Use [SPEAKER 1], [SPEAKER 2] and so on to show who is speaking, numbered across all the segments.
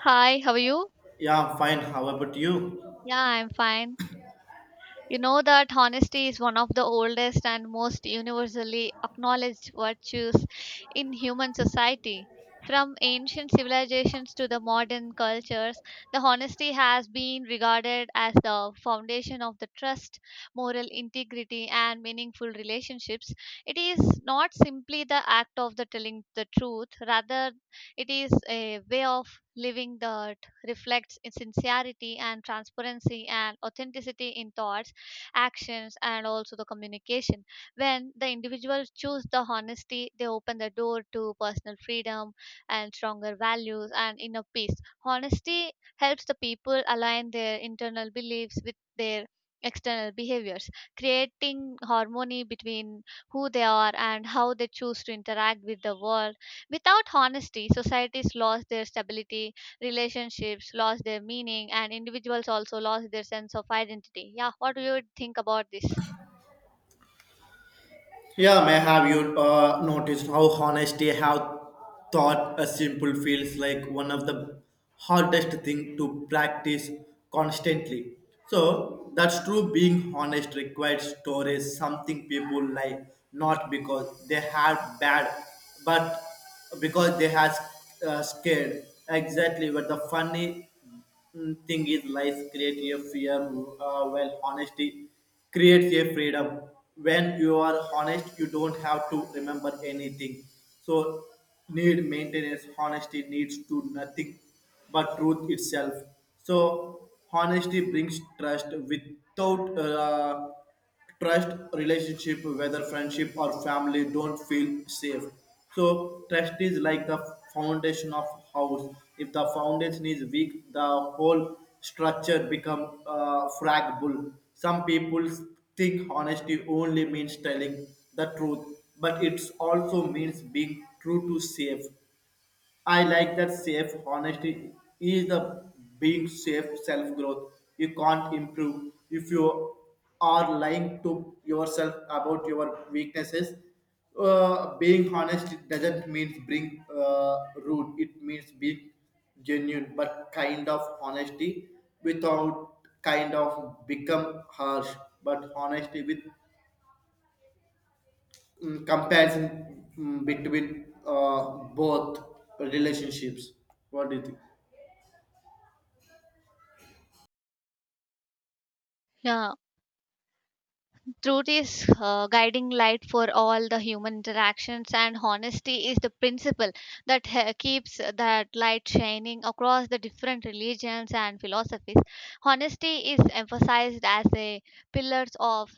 [SPEAKER 1] Hi, how are you?
[SPEAKER 2] Yeah, I'm fine. How about you?
[SPEAKER 1] Yeah, I'm fine. You know that honesty is one of the oldest and most universally acknowledged virtues in human society. From ancient civilizations to the modern cultures, the honesty has been regarded as the foundation of the trust, moral integrity, and meaningful relationships. It is not simply the act of the telling the truth, rather it is a way of living that reflects in sincerity and transparency and authenticity in thoughts, actions, and also the communication. When the individuals choose the honesty, they open the door to personal freedom and stronger values and inner peace. Honesty helps the people align their internal beliefs with their external behaviors, creating harmony between who they are and how they choose to interact with the world. Without honesty, societies lost their stability, relationships lost their meaning, and individuals also lost their sense of identity. Yeah, what do you think about this?
[SPEAKER 2] Yeah, may have you noticed how honesty, how thought a simple feels like one of the hardest thing to practice constantly. So that's true. Being honest requires storage, something people like not because they had bad, but because they had scared. Exactly. But the funny thing is lies create a fear. Well, honesty creates a freedom. When you are honest, you don't have to remember anything, so need maintenance. Honesty needs to nothing but truth itself. So honesty brings trust. Without trust, relationship whether friendship or family don't feel safe. So trust is like the foundation of house. If the foundation is weak, the whole structure become fragile. Some people think honesty only means telling the truth, but it also means being true to safe. I like that safe. Honesty is the being safe self growth. You can't improve if you are lying to yourself about your weaknesses. Being honest doesn't mean being rude. It means being genuine, but kind of honesty without kind of become harsh. But honesty with comparison between both relationships. What do you think?
[SPEAKER 1] Yeah, truth is guiding light for all the human interactions, and honesty is the principle that keeps that light shining. Across the different religions and philosophies, honesty is emphasized as a pillars of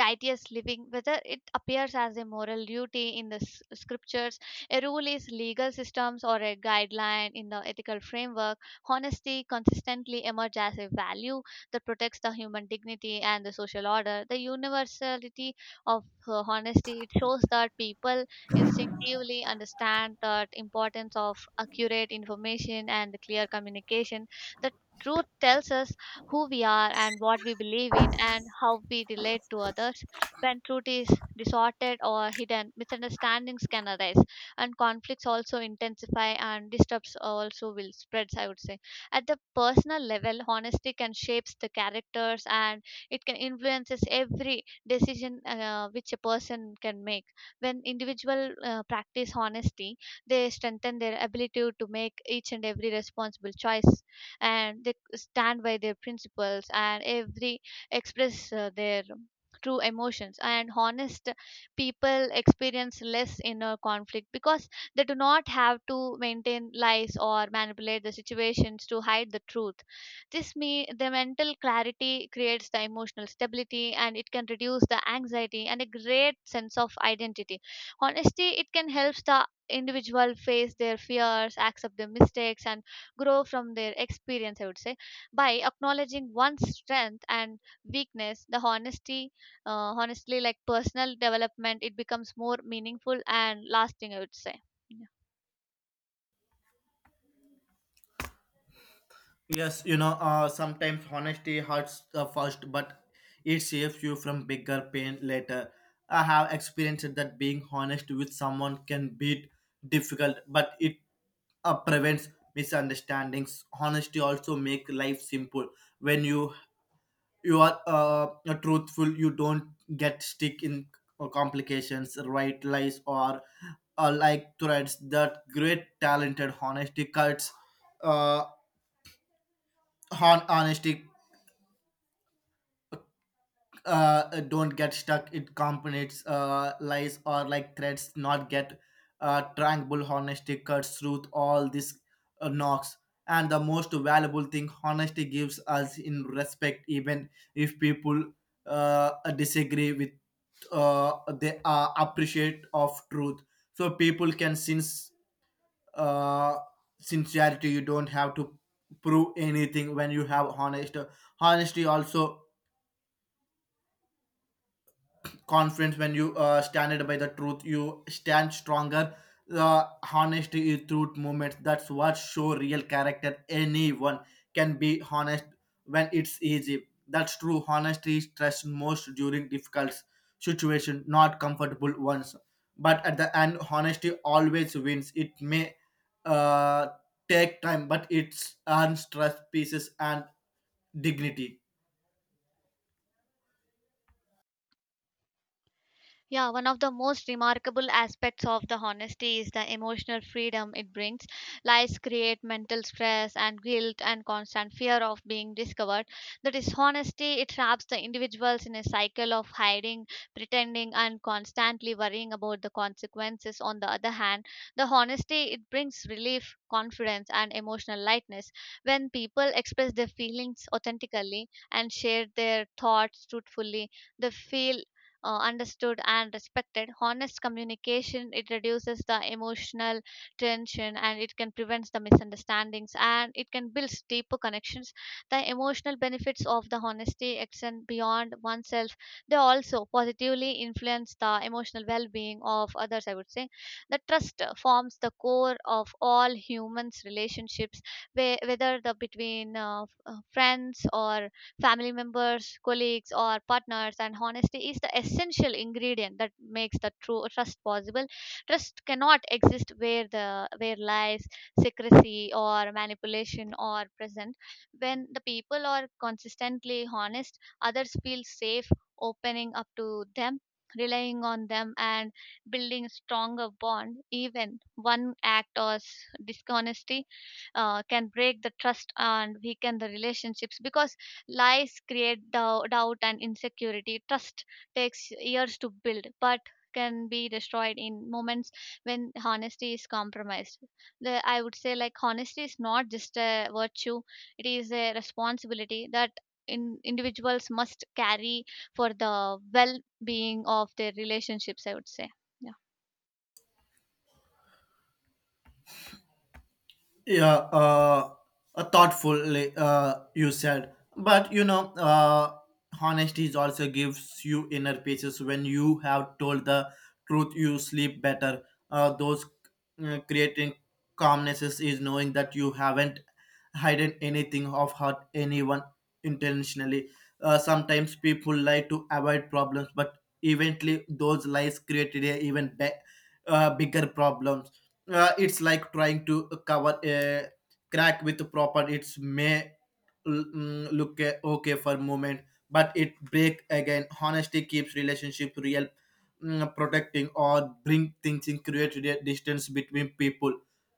[SPEAKER 1] righteous living, whether it appears as a moral duty in the scriptures, a rule is legal systems, or a guideline in the ethical framework. Honesty consistently emerges as a value that protects the human dignity and the social order. The universality of honesty, it shows that people instinctively understand the importance of accurate information and clear communication. The truth tells us who we are and what we believe in and how we relate to others. When truth is distorted or hidden, misunderstandings can arise, and conflicts also intensify, and disturbs also will spreads. I would say at the personal level, honesty can shapes the characters, and it can influences every decision which a person can make. When individual practice honesty, they strengthen their ability to make each and every responsible choice, and they stand by their principles and every express their true emotions. And honest people experience less inner conflict because they do not have to maintain lies or manipulate the situations to hide the truth. This me the mental clarity creates the emotional stability, and it can reduce the anxiety and a great sense of identity. Honesty, it can help the individual face their fears, accept their mistakes, and grow from their experience, I would say, by acknowledging one's strength and weakness. The honesty, honestly, like personal development, it becomes more meaningful and lasting, I would say. Yeah.
[SPEAKER 2] Yes, sometimes honesty hurts first, but it saves you from bigger pain later. I have experienced that being honest with someone can be difficult, but it prevents misunderstandings. Honesty also make life simple. When you are truthful, you don't get stuck in complications, right lies, or like threads. That great talented honesty cuts. Uh, honesty don't get stuck in components, lies, or like threats, not get tranquil honesty cuts through all these knocks. And the most valuable thing honesty gives us in respect, even if people disagree with uh, they appreciate of truth. So people can sense uh, sincerity. You don't have to prove anything when you have honesty. Also confidence. When you stand by the truth, you stand stronger. The honesty is truth movement, that's what show real character. Anyone can be honest when it's easy, that's true. Honesty is stressed most during difficult situation, not comfortable ones, but at the end honesty always wins. It may uh, take time, but it's earns trust, pieces, and dignity.
[SPEAKER 1] Yeah, one of the most remarkable aspects of the honesty is the emotional freedom it brings. Lies create mental stress and guilt and constant fear of being discovered. The dishonesty, it traps the individuals in a cycle of hiding, pretending, and constantly worrying about the consequences. On the other hand, the honesty, it brings relief, confidence, and emotional lightness. When people express their feelings authentically and share their thoughts truthfully, they feel understood and respected. Honest communication, it reduces the emotional tension, and it can prevent the misunderstandings, and it can build deeper connections. The emotional benefits of the honesty extend beyond oneself. They also positively influence the emotional well-being of others. I would say the trust forms the core of all humans' relationships, whether the between friends or family members, colleagues, or partners, and honesty is the essential ingredient that makes the true trust possible. Trust cannot exist where the where lies, secrecy, or manipulation are present. When the people are consistently honest, others feel safe opening up to them, relying on them, and building stronger bond. Even one act of dishonesty can break the trust and weaken the relationships, because lies create doubt and insecurity. Trust takes years to build, but can be destroyed in moments when honesty is compromised. The, I would say, like, honesty is not just a virtue, it is a responsibility that individuals must carry for the well being of their relationships, I would say.
[SPEAKER 2] Yeah. Uh uh, thoughtfully you said, but honesty is also gives you inner peace. When you have told the truth, you sleep better. Those creating calmnesses is knowing that you haven't hidden anything of hurt anyone intentionally. Sometimes people lie to avoid problems, but eventually those lies created a even bigger problems. It's like trying to cover a crack with proper. It's may look okay for a moment, but it break again. Honesty keeps relationship real. Protecting or bring things in create a distance between people.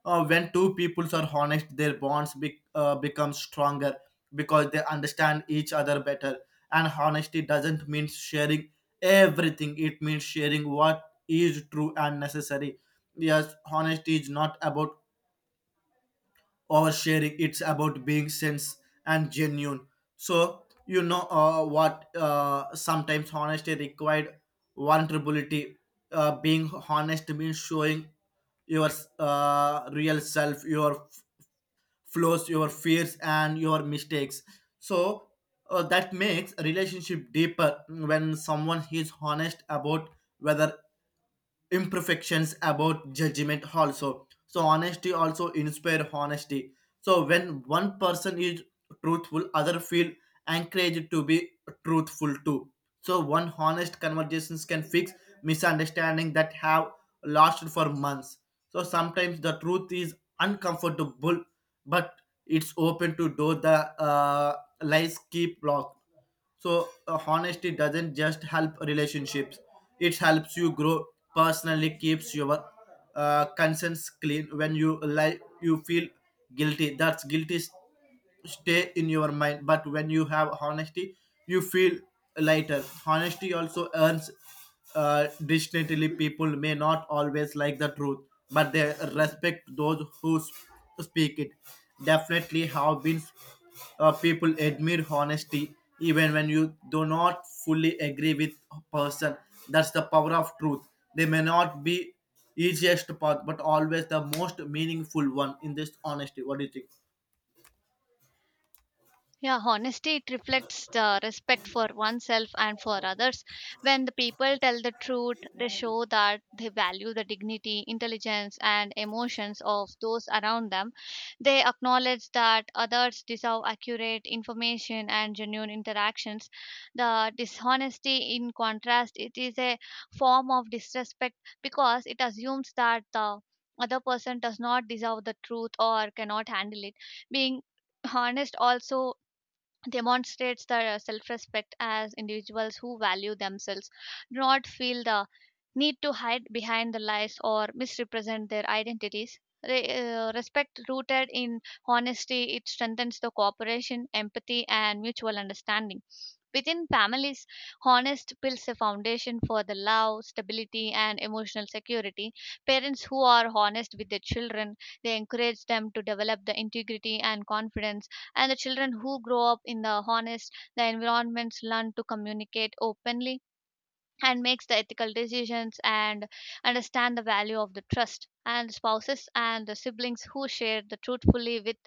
[SPEAKER 2] When two peoples are honest, their bonds become stronger because they understand each other better. And honesty doesn't mean sharing everything, it means sharing what is true and necessary. Yes, honesty is not about oversharing, it's about being sense and genuine. So, what sometimes honesty required vulnerability. Being honest means showing your real self, your flaws, your fears, and your mistakes. So that makes a relationship deeper when someone is honest about whether imperfections about judgment also. So honesty also inspire honesty. So when one person is truthful, other feel encouraged to be truthful too. So one honest conversations can fix misunderstanding that have lasted for months. So sometimes the truth is uncomfortable, but it's open to door the lies keep locked. So honesty doesn't just help relationships; it helps you grow personally, keeps your conscience clean. When you lie, you feel guilty. That's guilty stay in your mind. But when you have honesty, you feel lighter. Honesty also earns distinctly. People may not always like the truth, but they respect those who to speak it definitely have been people admire honesty even when you do not fully agree with a person. That's the power of truth. They may not be easiest path, but always the most meaningful one in this honesty. What do you think?
[SPEAKER 1] Yeah, honesty, it reflects the respect for oneself and for others. When the people tell the truth, they show that they value the dignity, intelligence, and emotions of those around them. They acknowledge that others deserve accurate information and genuine interactions. The dishonesty, in contrast, it is a form of disrespect because it assumes that the other person does not deserve the truth or cannot handle it. Being honest also demonstrates the self-respect, as individuals who value themselves do not feel the need to hide behind the lies or misrepresent their identities. Respect rooted in honesty, it strengthens the cooperation, empathy, and mutual understanding. Within families, honest builds a foundation for the love, stability, and emotional security. Parents who are honest with their children, they encourage them to develop the integrity and confidence. And the children who grow up in the honest, the environments, learn to communicate openly and makes the ethical decisions and understand the value of the trust. And spouses and the siblings who share the truthfully with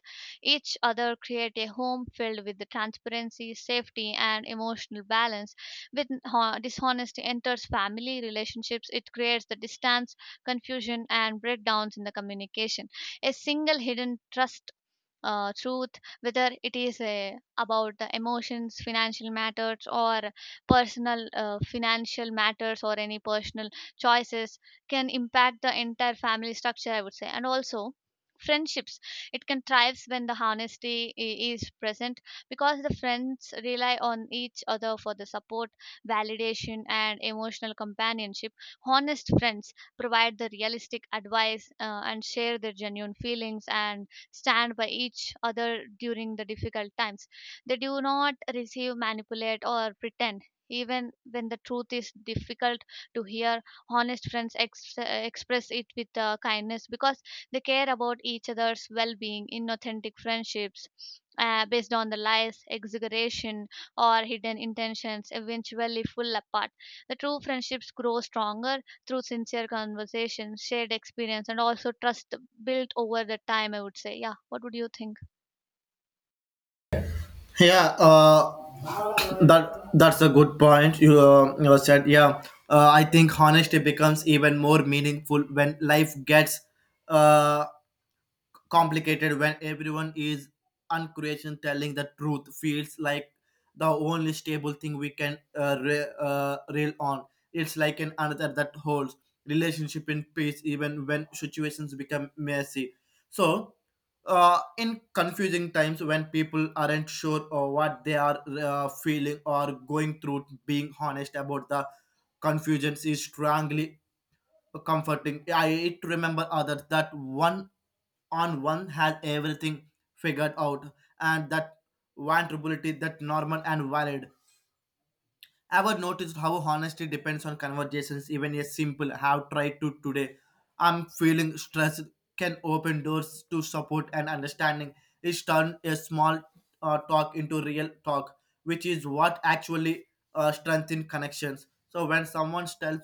[SPEAKER 1] each other create a home filled with the transparency, safety, and emotional balance. With dishonesty enters family relationships, it creates the distance, confusion, and breakdowns in the communication. A single hidden trust truth, whether it is about the emotions, financial matters, or personal financial matters, or any personal choices, can impact the entire family structure, I would say. And also, friendships, it can thrives when the honesty is present, because the friends rely on each other for the support, validation, and emotional companionship. Honest friends provide the realistic advice and share their genuine feelings and stand by each other during the difficult times. They do not receive, manipulate, or pretend. Even when the truth is difficult to hear, honest friends express it with kindness because they care about each other's well being. In authentic friendships, based on the lies, exaggeration, or hidden intentions, eventually fall apart. The true friendships grow stronger through sincere conversations, shared experience, and also trust built over the time, I would say. Yeah, what would you think?
[SPEAKER 2] Yeah. That's a good point you, you said. Yeah. I think honesty becomes even more meaningful when life gets uh complicated. When everyone is uncreation, telling the truth feels like the only stable thing we can rail on. It's like an another that holds relationship in peace even when situations become messy. So in confusing times when people aren't sure of what they are feeling or going through, being honest about the confusions is strongly comforting. I it to remember others that one on one has everything figured out, and that vulnerability that normal and valid. Ever noticed how honesty depends on conversations, even a simple have tried to today? I'm feeling stressed can open doors to support and understanding. It's turned a small talk into real talk, which is what actually strengthens connections. So when someone tells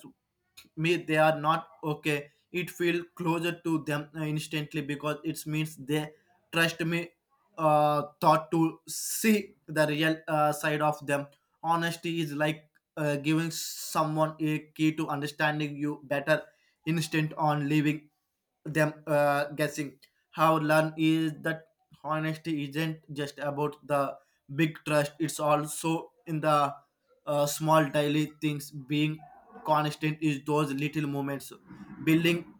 [SPEAKER 2] me they are not okay, it feels closer to them instantly because it means they trust me thought to see the real side of them. Honesty is like giving someone a key to understanding you better instead on leaving them guessing. How learn is that honesty isn't just about the big trust, it's also in the small daily things being constant is those little moments building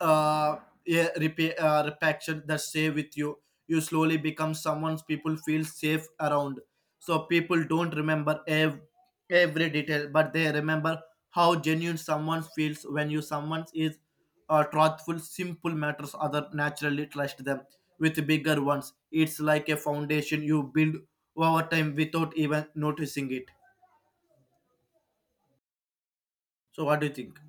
[SPEAKER 2] uh, yeah, repaction that stay with you. You slowly become someone people feel safe around. So people don't remember every detail, but they remember how genuine someone feels when you someone is truthful. Simple matters other naturally trust them with bigger ones. It's like a foundation you build over time without even noticing it. So what do you think?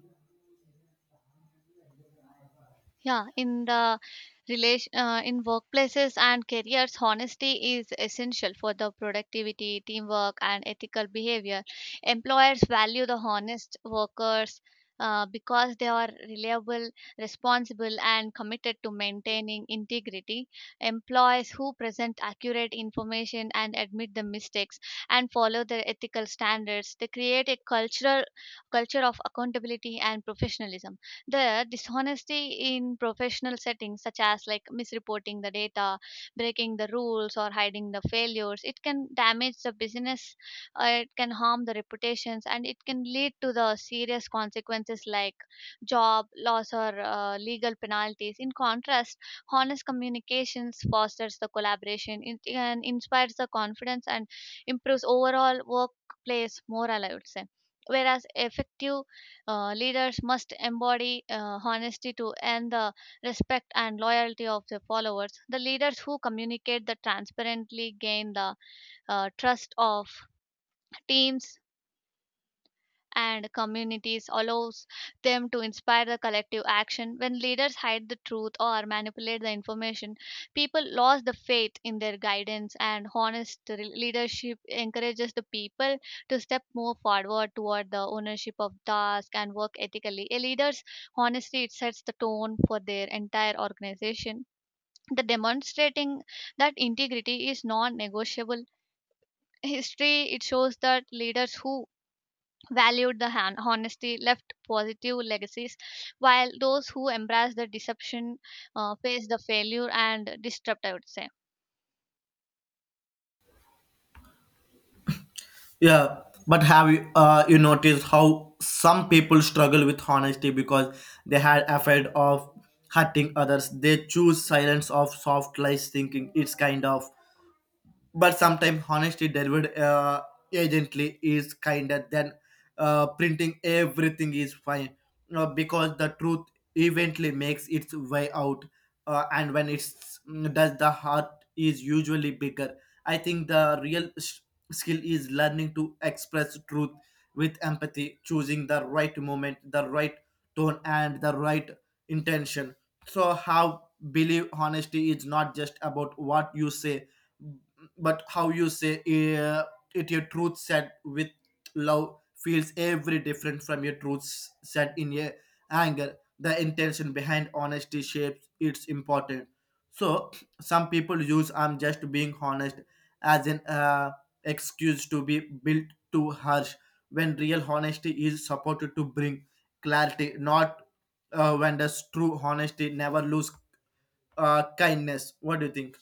[SPEAKER 1] Yeah, in the relation in workplaces and careers, honesty is essential for the productivity, teamwork, and ethical behavior. Employers value the honest workers because they are reliable, responsible, and committed to maintaining integrity. Employees who present accurate information and admit the mistakes and follow their ethical standards, they create a cultural culture of accountability and professionalism. There, dishonesty in professional settings, such as like misreporting the data, breaking the rules, or hiding the failures, it can damage the business, it can harm the reputations, and it can lead to the serious consequences like job loss or legal penalties. In contrast, honest communications fosters the collaboration and inspires the confidence and improves overall workplace morale, I would say. Whereas effective leaders must embody honesty to earn the respect and loyalty of their followers. The leaders who communicate the transparently gain the trust of teams and communities, allows them to inspire the collective action. When leaders hide the truth or manipulate the information, people lose the faith in their guidance. And honest leadership encourages the people to step more forward toward the ownership of task and work ethically. A leader's honesty, it sets the tone for their entire organization, the demonstrating that integrity is non-negotiable. History, it shows that leaders who valued the honesty, left positive legacies, while those who embrace the deception face the failure and disrupt, I would say.
[SPEAKER 2] Yeah, but have you you noticed how some people struggle with honesty because they had afraid of hurting others? They choose silence of soft lies, thinking it's kind of, but sometimes honesty delivered agently is kinder than printing everything is fine, because the truth eventually makes its way out. And when it's does the heart is usually bigger. I think the real skill is learning to express truth with empathy, choosing the right moment, the right tone, and the right intention. So how believe honesty is not just about what you say, but how you say uh, it. Your truth said with love feels every different from your truths said in your anger. The intention behind honesty shapes its important. So some people use I'm just being honest as an excuse to be built too harsh, when real honesty is supported to bring clarity, not when does true honesty never lose kindness. What do you think?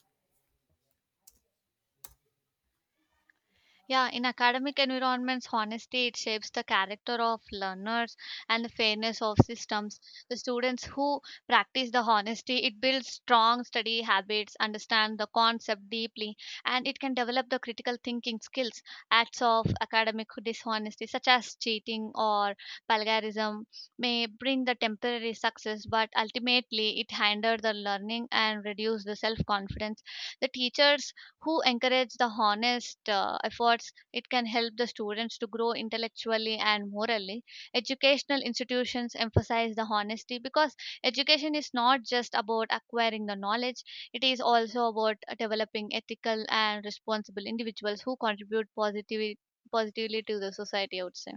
[SPEAKER 1] Yeah, in academic environments, honesty, it shapes the character of learners and the fairness of systems. The students who practice the honesty, it builds strong study habits, understand the concept deeply, and it can develop the critical thinking skills. Acts of academic dishonesty, such as cheating or plagiarism, may bring the temporary success, but ultimately it hinder the learning and reduce the self-confidence. The teachers who encourage the honest efforts, it can help the students to grow intellectually and morally. Educational institutions emphasize the honesty because education is not just about acquiring the knowledge, it is also about developing ethical and responsible individuals who contribute positively to the society, I would say.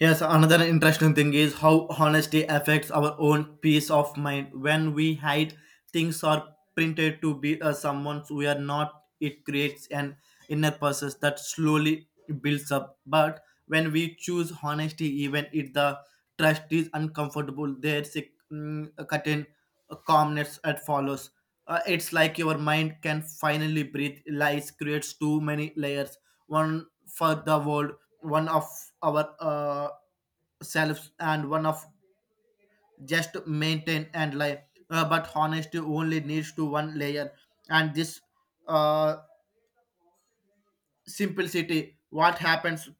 [SPEAKER 2] Yes, another interesting thing is how honesty affects our own peace of mind. When we hide things or printed to be someone we are not, it creates an inner process that slowly builds up. But when we choose honesty, even if the trust is uncomfortable, there's a a certain calmness that follows. It's like your mind can finally breathe. Lies creates too many layers, one for the world, one of our selves, and one of just maintain and life. But honesty only needs to one layer, and this uh, simplicity, what happens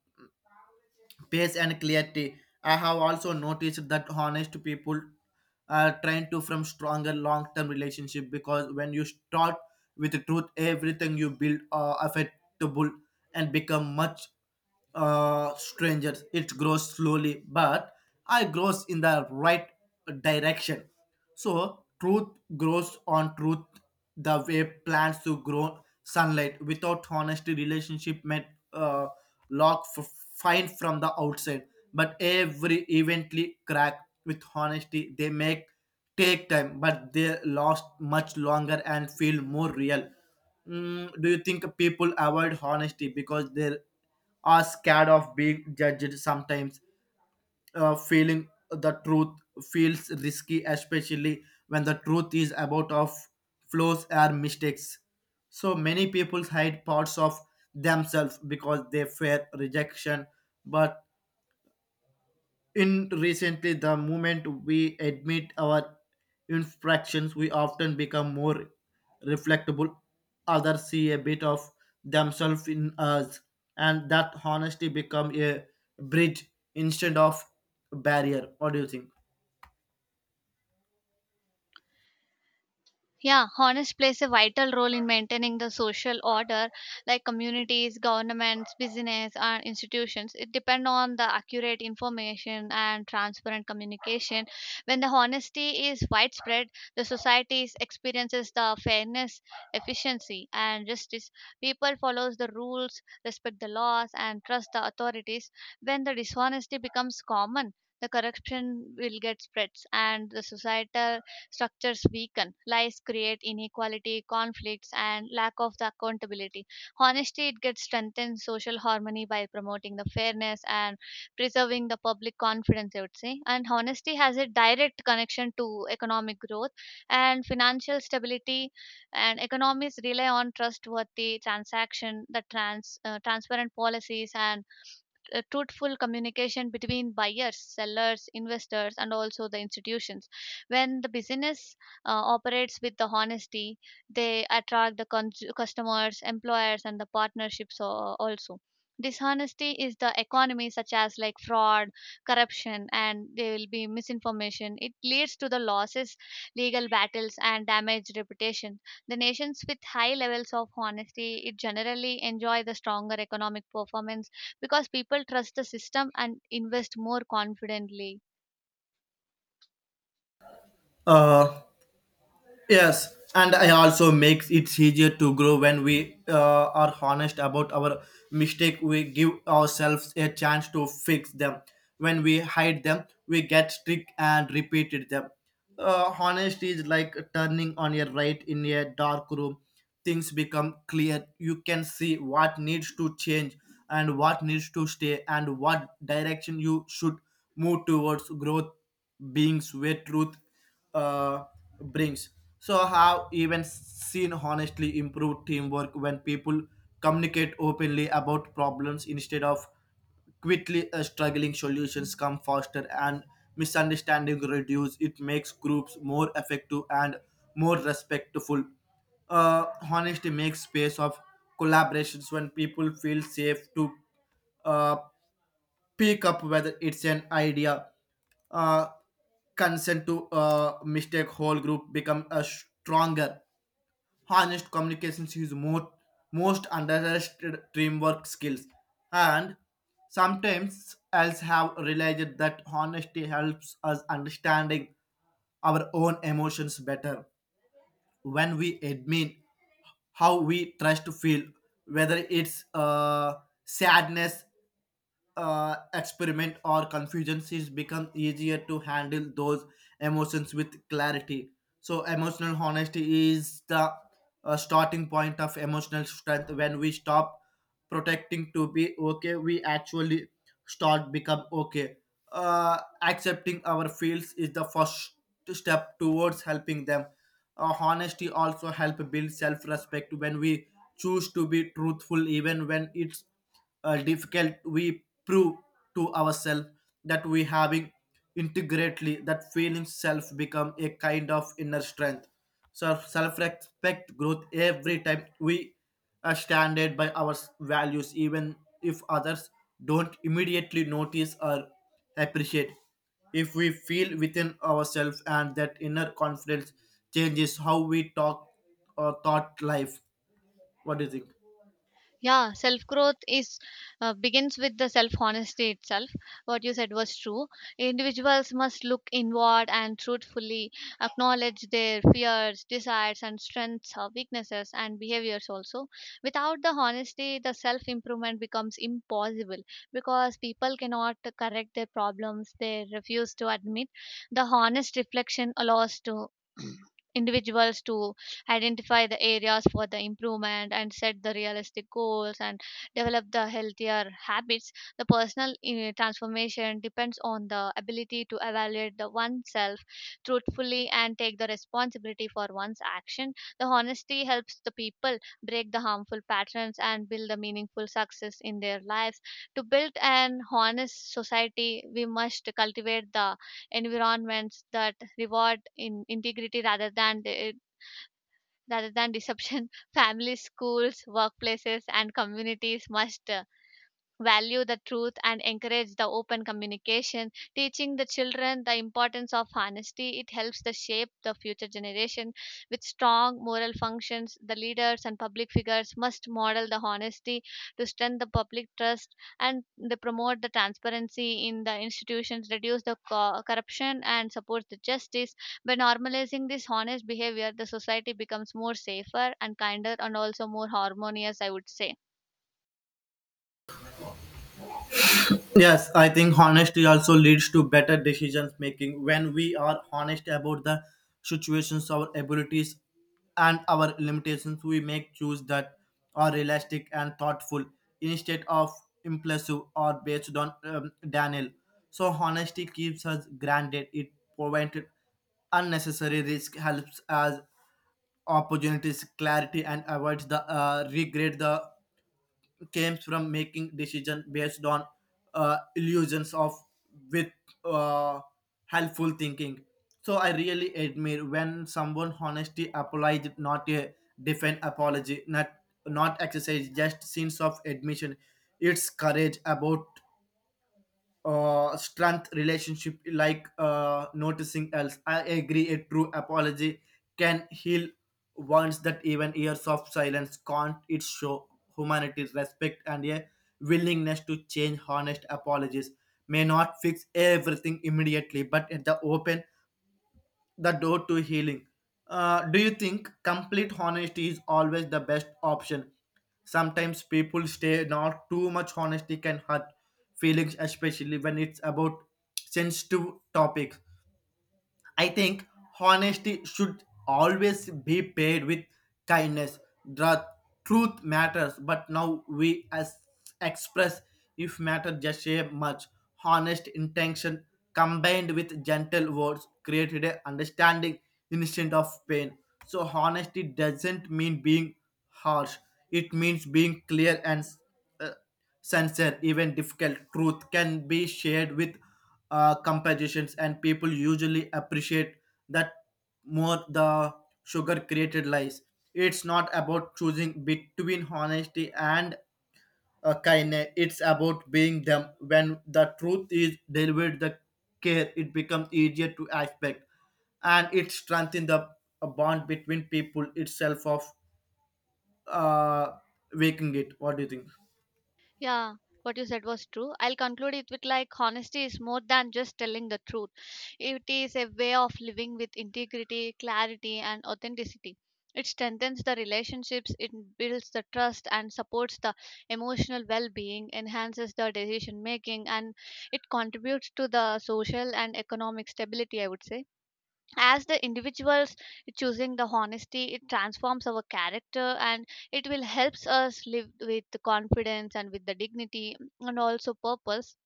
[SPEAKER 2] pace and clarity. I have also noticed that honest people are trying to form stronger long-term relationship because when you start with the truth, everything you build are affectable and become much strangers. It grows slowly, but I grows in the right direction. So truth grows on truth the way plants to grow sunlight. Without honesty, relationship may uh, lock fine from the outside, but every evently crack. With honesty they make take time, but they last much longer and feel more real. Do you think people avoid honesty because they are scared of being judged sometimes? Feeling the truth feels risky, especially when the truth is about of flaws or mistakes. So many people hide parts of themselves because they fear rejection, but in recently, the moment we admit our infractions, we often become more reflectable. Others see a bit of themselves in us, and that honesty become a bridge instead of barrier. What do you think?
[SPEAKER 1] Yeah, honest plays a vital role in maintaining the social order, like communities, governments, business, and institutions. It depends on the accurate information and transparent communication. When the honesty is widespread, the society experiences the fairness, efficiency, and justice. People follows the rules, respect the laws, and trust the authorities. When the dishonesty becomes common, the corruption will get spreads and the societal structures weaken. Lies create inequality, conflicts, and lack of the accountability. Honesty, it gets strengthened social harmony by promoting the fairness and preserving the public confidence, I would say. And honesty has a direct connection to economic growth and financial stability, and economies rely on trustworthy transaction, the transparent policies and truthful communication between buyers, sellers, investors, and also the institutions. When the business operates with the honesty, they attract the customers, employers, and the partnerships also. Dishonesty is the economy, such as like fraud, corruption, and there will be misinformation. It leads to the losses, legal battles, and damaged reputation. The nations with high levels of honesty, it generally enjoy the stronger economic performance because people trust the system and invest more confidently.
[SPEAKER 2] Uh, Yes, and I also makes it easier to grow when we are honest about our mistake. We give ourselves a chance to fix them. When we hide them, we get strict and repeated them. Honesty is like turning on a light in a dark room. Things become clear. You can see what needs to change and what needs to stay and what direction you should move towards growth beings where truth uh, brings. So I have even seen honestly improved teamwork when people communicate openly about problems instead of quickly struggling. Solutions come faster and misunderstanding reduce. It makes groups more effective and more respectful. Honesty makes space of collaborations when people feel safe to uh, pick up whether it's an idea, uh, consent to mistake, whole group become a stronger. Honest communications is more most underrated teamwork skills. And sometimes else have realized that honesty helps us understanding our own emotions better when we admit how we trust to feel whether it's sadness, experiment or confusions is become easier to handle those emotions with clarity. So emotional honesty is the starting point of emotional strength. When we stop protecting to be okay, we actually start become okay. Accepting our feels is the first step towards helping them. Honesty also help build self-respect. When we choose to be truthful even when it's difficult, we prove to ourselves that we having integrately that feeling self become a kind of inner strength. So self respect growth every time we are standard by our values, even if others don't immediately notice or appreciate, if we feel within ourselves, and that inner confidence changes how we talk or thought life. What do you think?
[SPEAKER 1] Yeah, self growth is begins with the self honesty itself. What you said was true. Individuals must look inward and truthfully acknowledge their fears, desires, and strengths or weaknesses and behaviors also. Without the honesty, the self improvement becomes impossible because people cannot correct their problems they refuse to admit. The honest reflection allows to individuals to identify the areas for the improvement and set the realistic goals and develop the healthier habits. The personal transformation depends on the ability to evaluate the oneself truthfully and take the responsibility for one's action. The honesty helps the people break the harmful patterns and build the meaningful success in their lives. To build an honest society, we must cultivate the environments that reward in integrity rather than the rather than disruption, families, schools, workplaces, and communities must value the truth and encourage the open communication. Teaching the children the importance of honesty, it helps the shape the future generation with strong moral functions. The leaders and public figures must model the honesty to strengthen the public trust, and they promote the transparency in the institutions, reduce the corruption, and support the justice. By normalizing this honest behavior, the society becomes more safer and kinder and also more harmonious, I would say.
[SPEAKER 2] Yes, I think honesty also leads to better decisions making. When we are honest about the situations, our abilities, and our limitations, we make choices that are realistic and thoughtful instead of impulsive or based on Daniel. So, honesty keeps us grounded, it prevents unnecessary risk, helps us opportunities, clarity, and avoids the regret the comes from making decision based on illusions of with uh, helpful thinking. So I really admire when someone honestly apologized, not a defend apology, not not exercise, just sense of admission. It's courage about strength relationship like noticing else. I agree a true apology can heal wounds that even years of silence can't. It show humanity's respect and a willingness to change. Honest apologies may not fix everything immediately, but at the open the door to healing. Do you think complete honesty is always the best option? Sometimes people stay not too much honesty can hurt feelings, especially when it's about sensitive topics. I think honesty should always be paired with kindness. The truth matters, but now we as express if matter just a much. Honest intention combined with gentle words created a understanding instead of pain. So honesty doesn't mean being harsh. It means being clear and uh, sense. Even difficult truth can be shared with compositions, and people usually appreciate that more the sugar created lies. It's not about choosing between honesty and kindness, it's about being them. When the truth is delivered the care, it becomes easier to expect, and it strengthens the bond between people itself of uh, waking it. What do you think?
[SPEAKER 1] Yeah, what you said was true. I'll conclude it with like honesty is more than just telling the truth. It is a way of living with integrity, clarity, and authenticity. It strengthens the relationships, it builds the trust and supports the emotional well being, enhances the decision making, and it contributes to the social and economic stability, I would say. As the individuals choosing the honesty, it transforms our character and it will helps us live with the confidence and with the dignity and also purpose.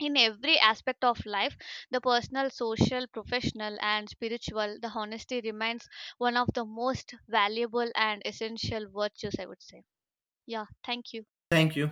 [SPEAKER 1] In every aspect of life, the personal, social, professional, and spiritual, the honesty remains one of the most valuable and essential virtues, I would say. Yeah, thank you.
[SPEAKER 2] Thank you.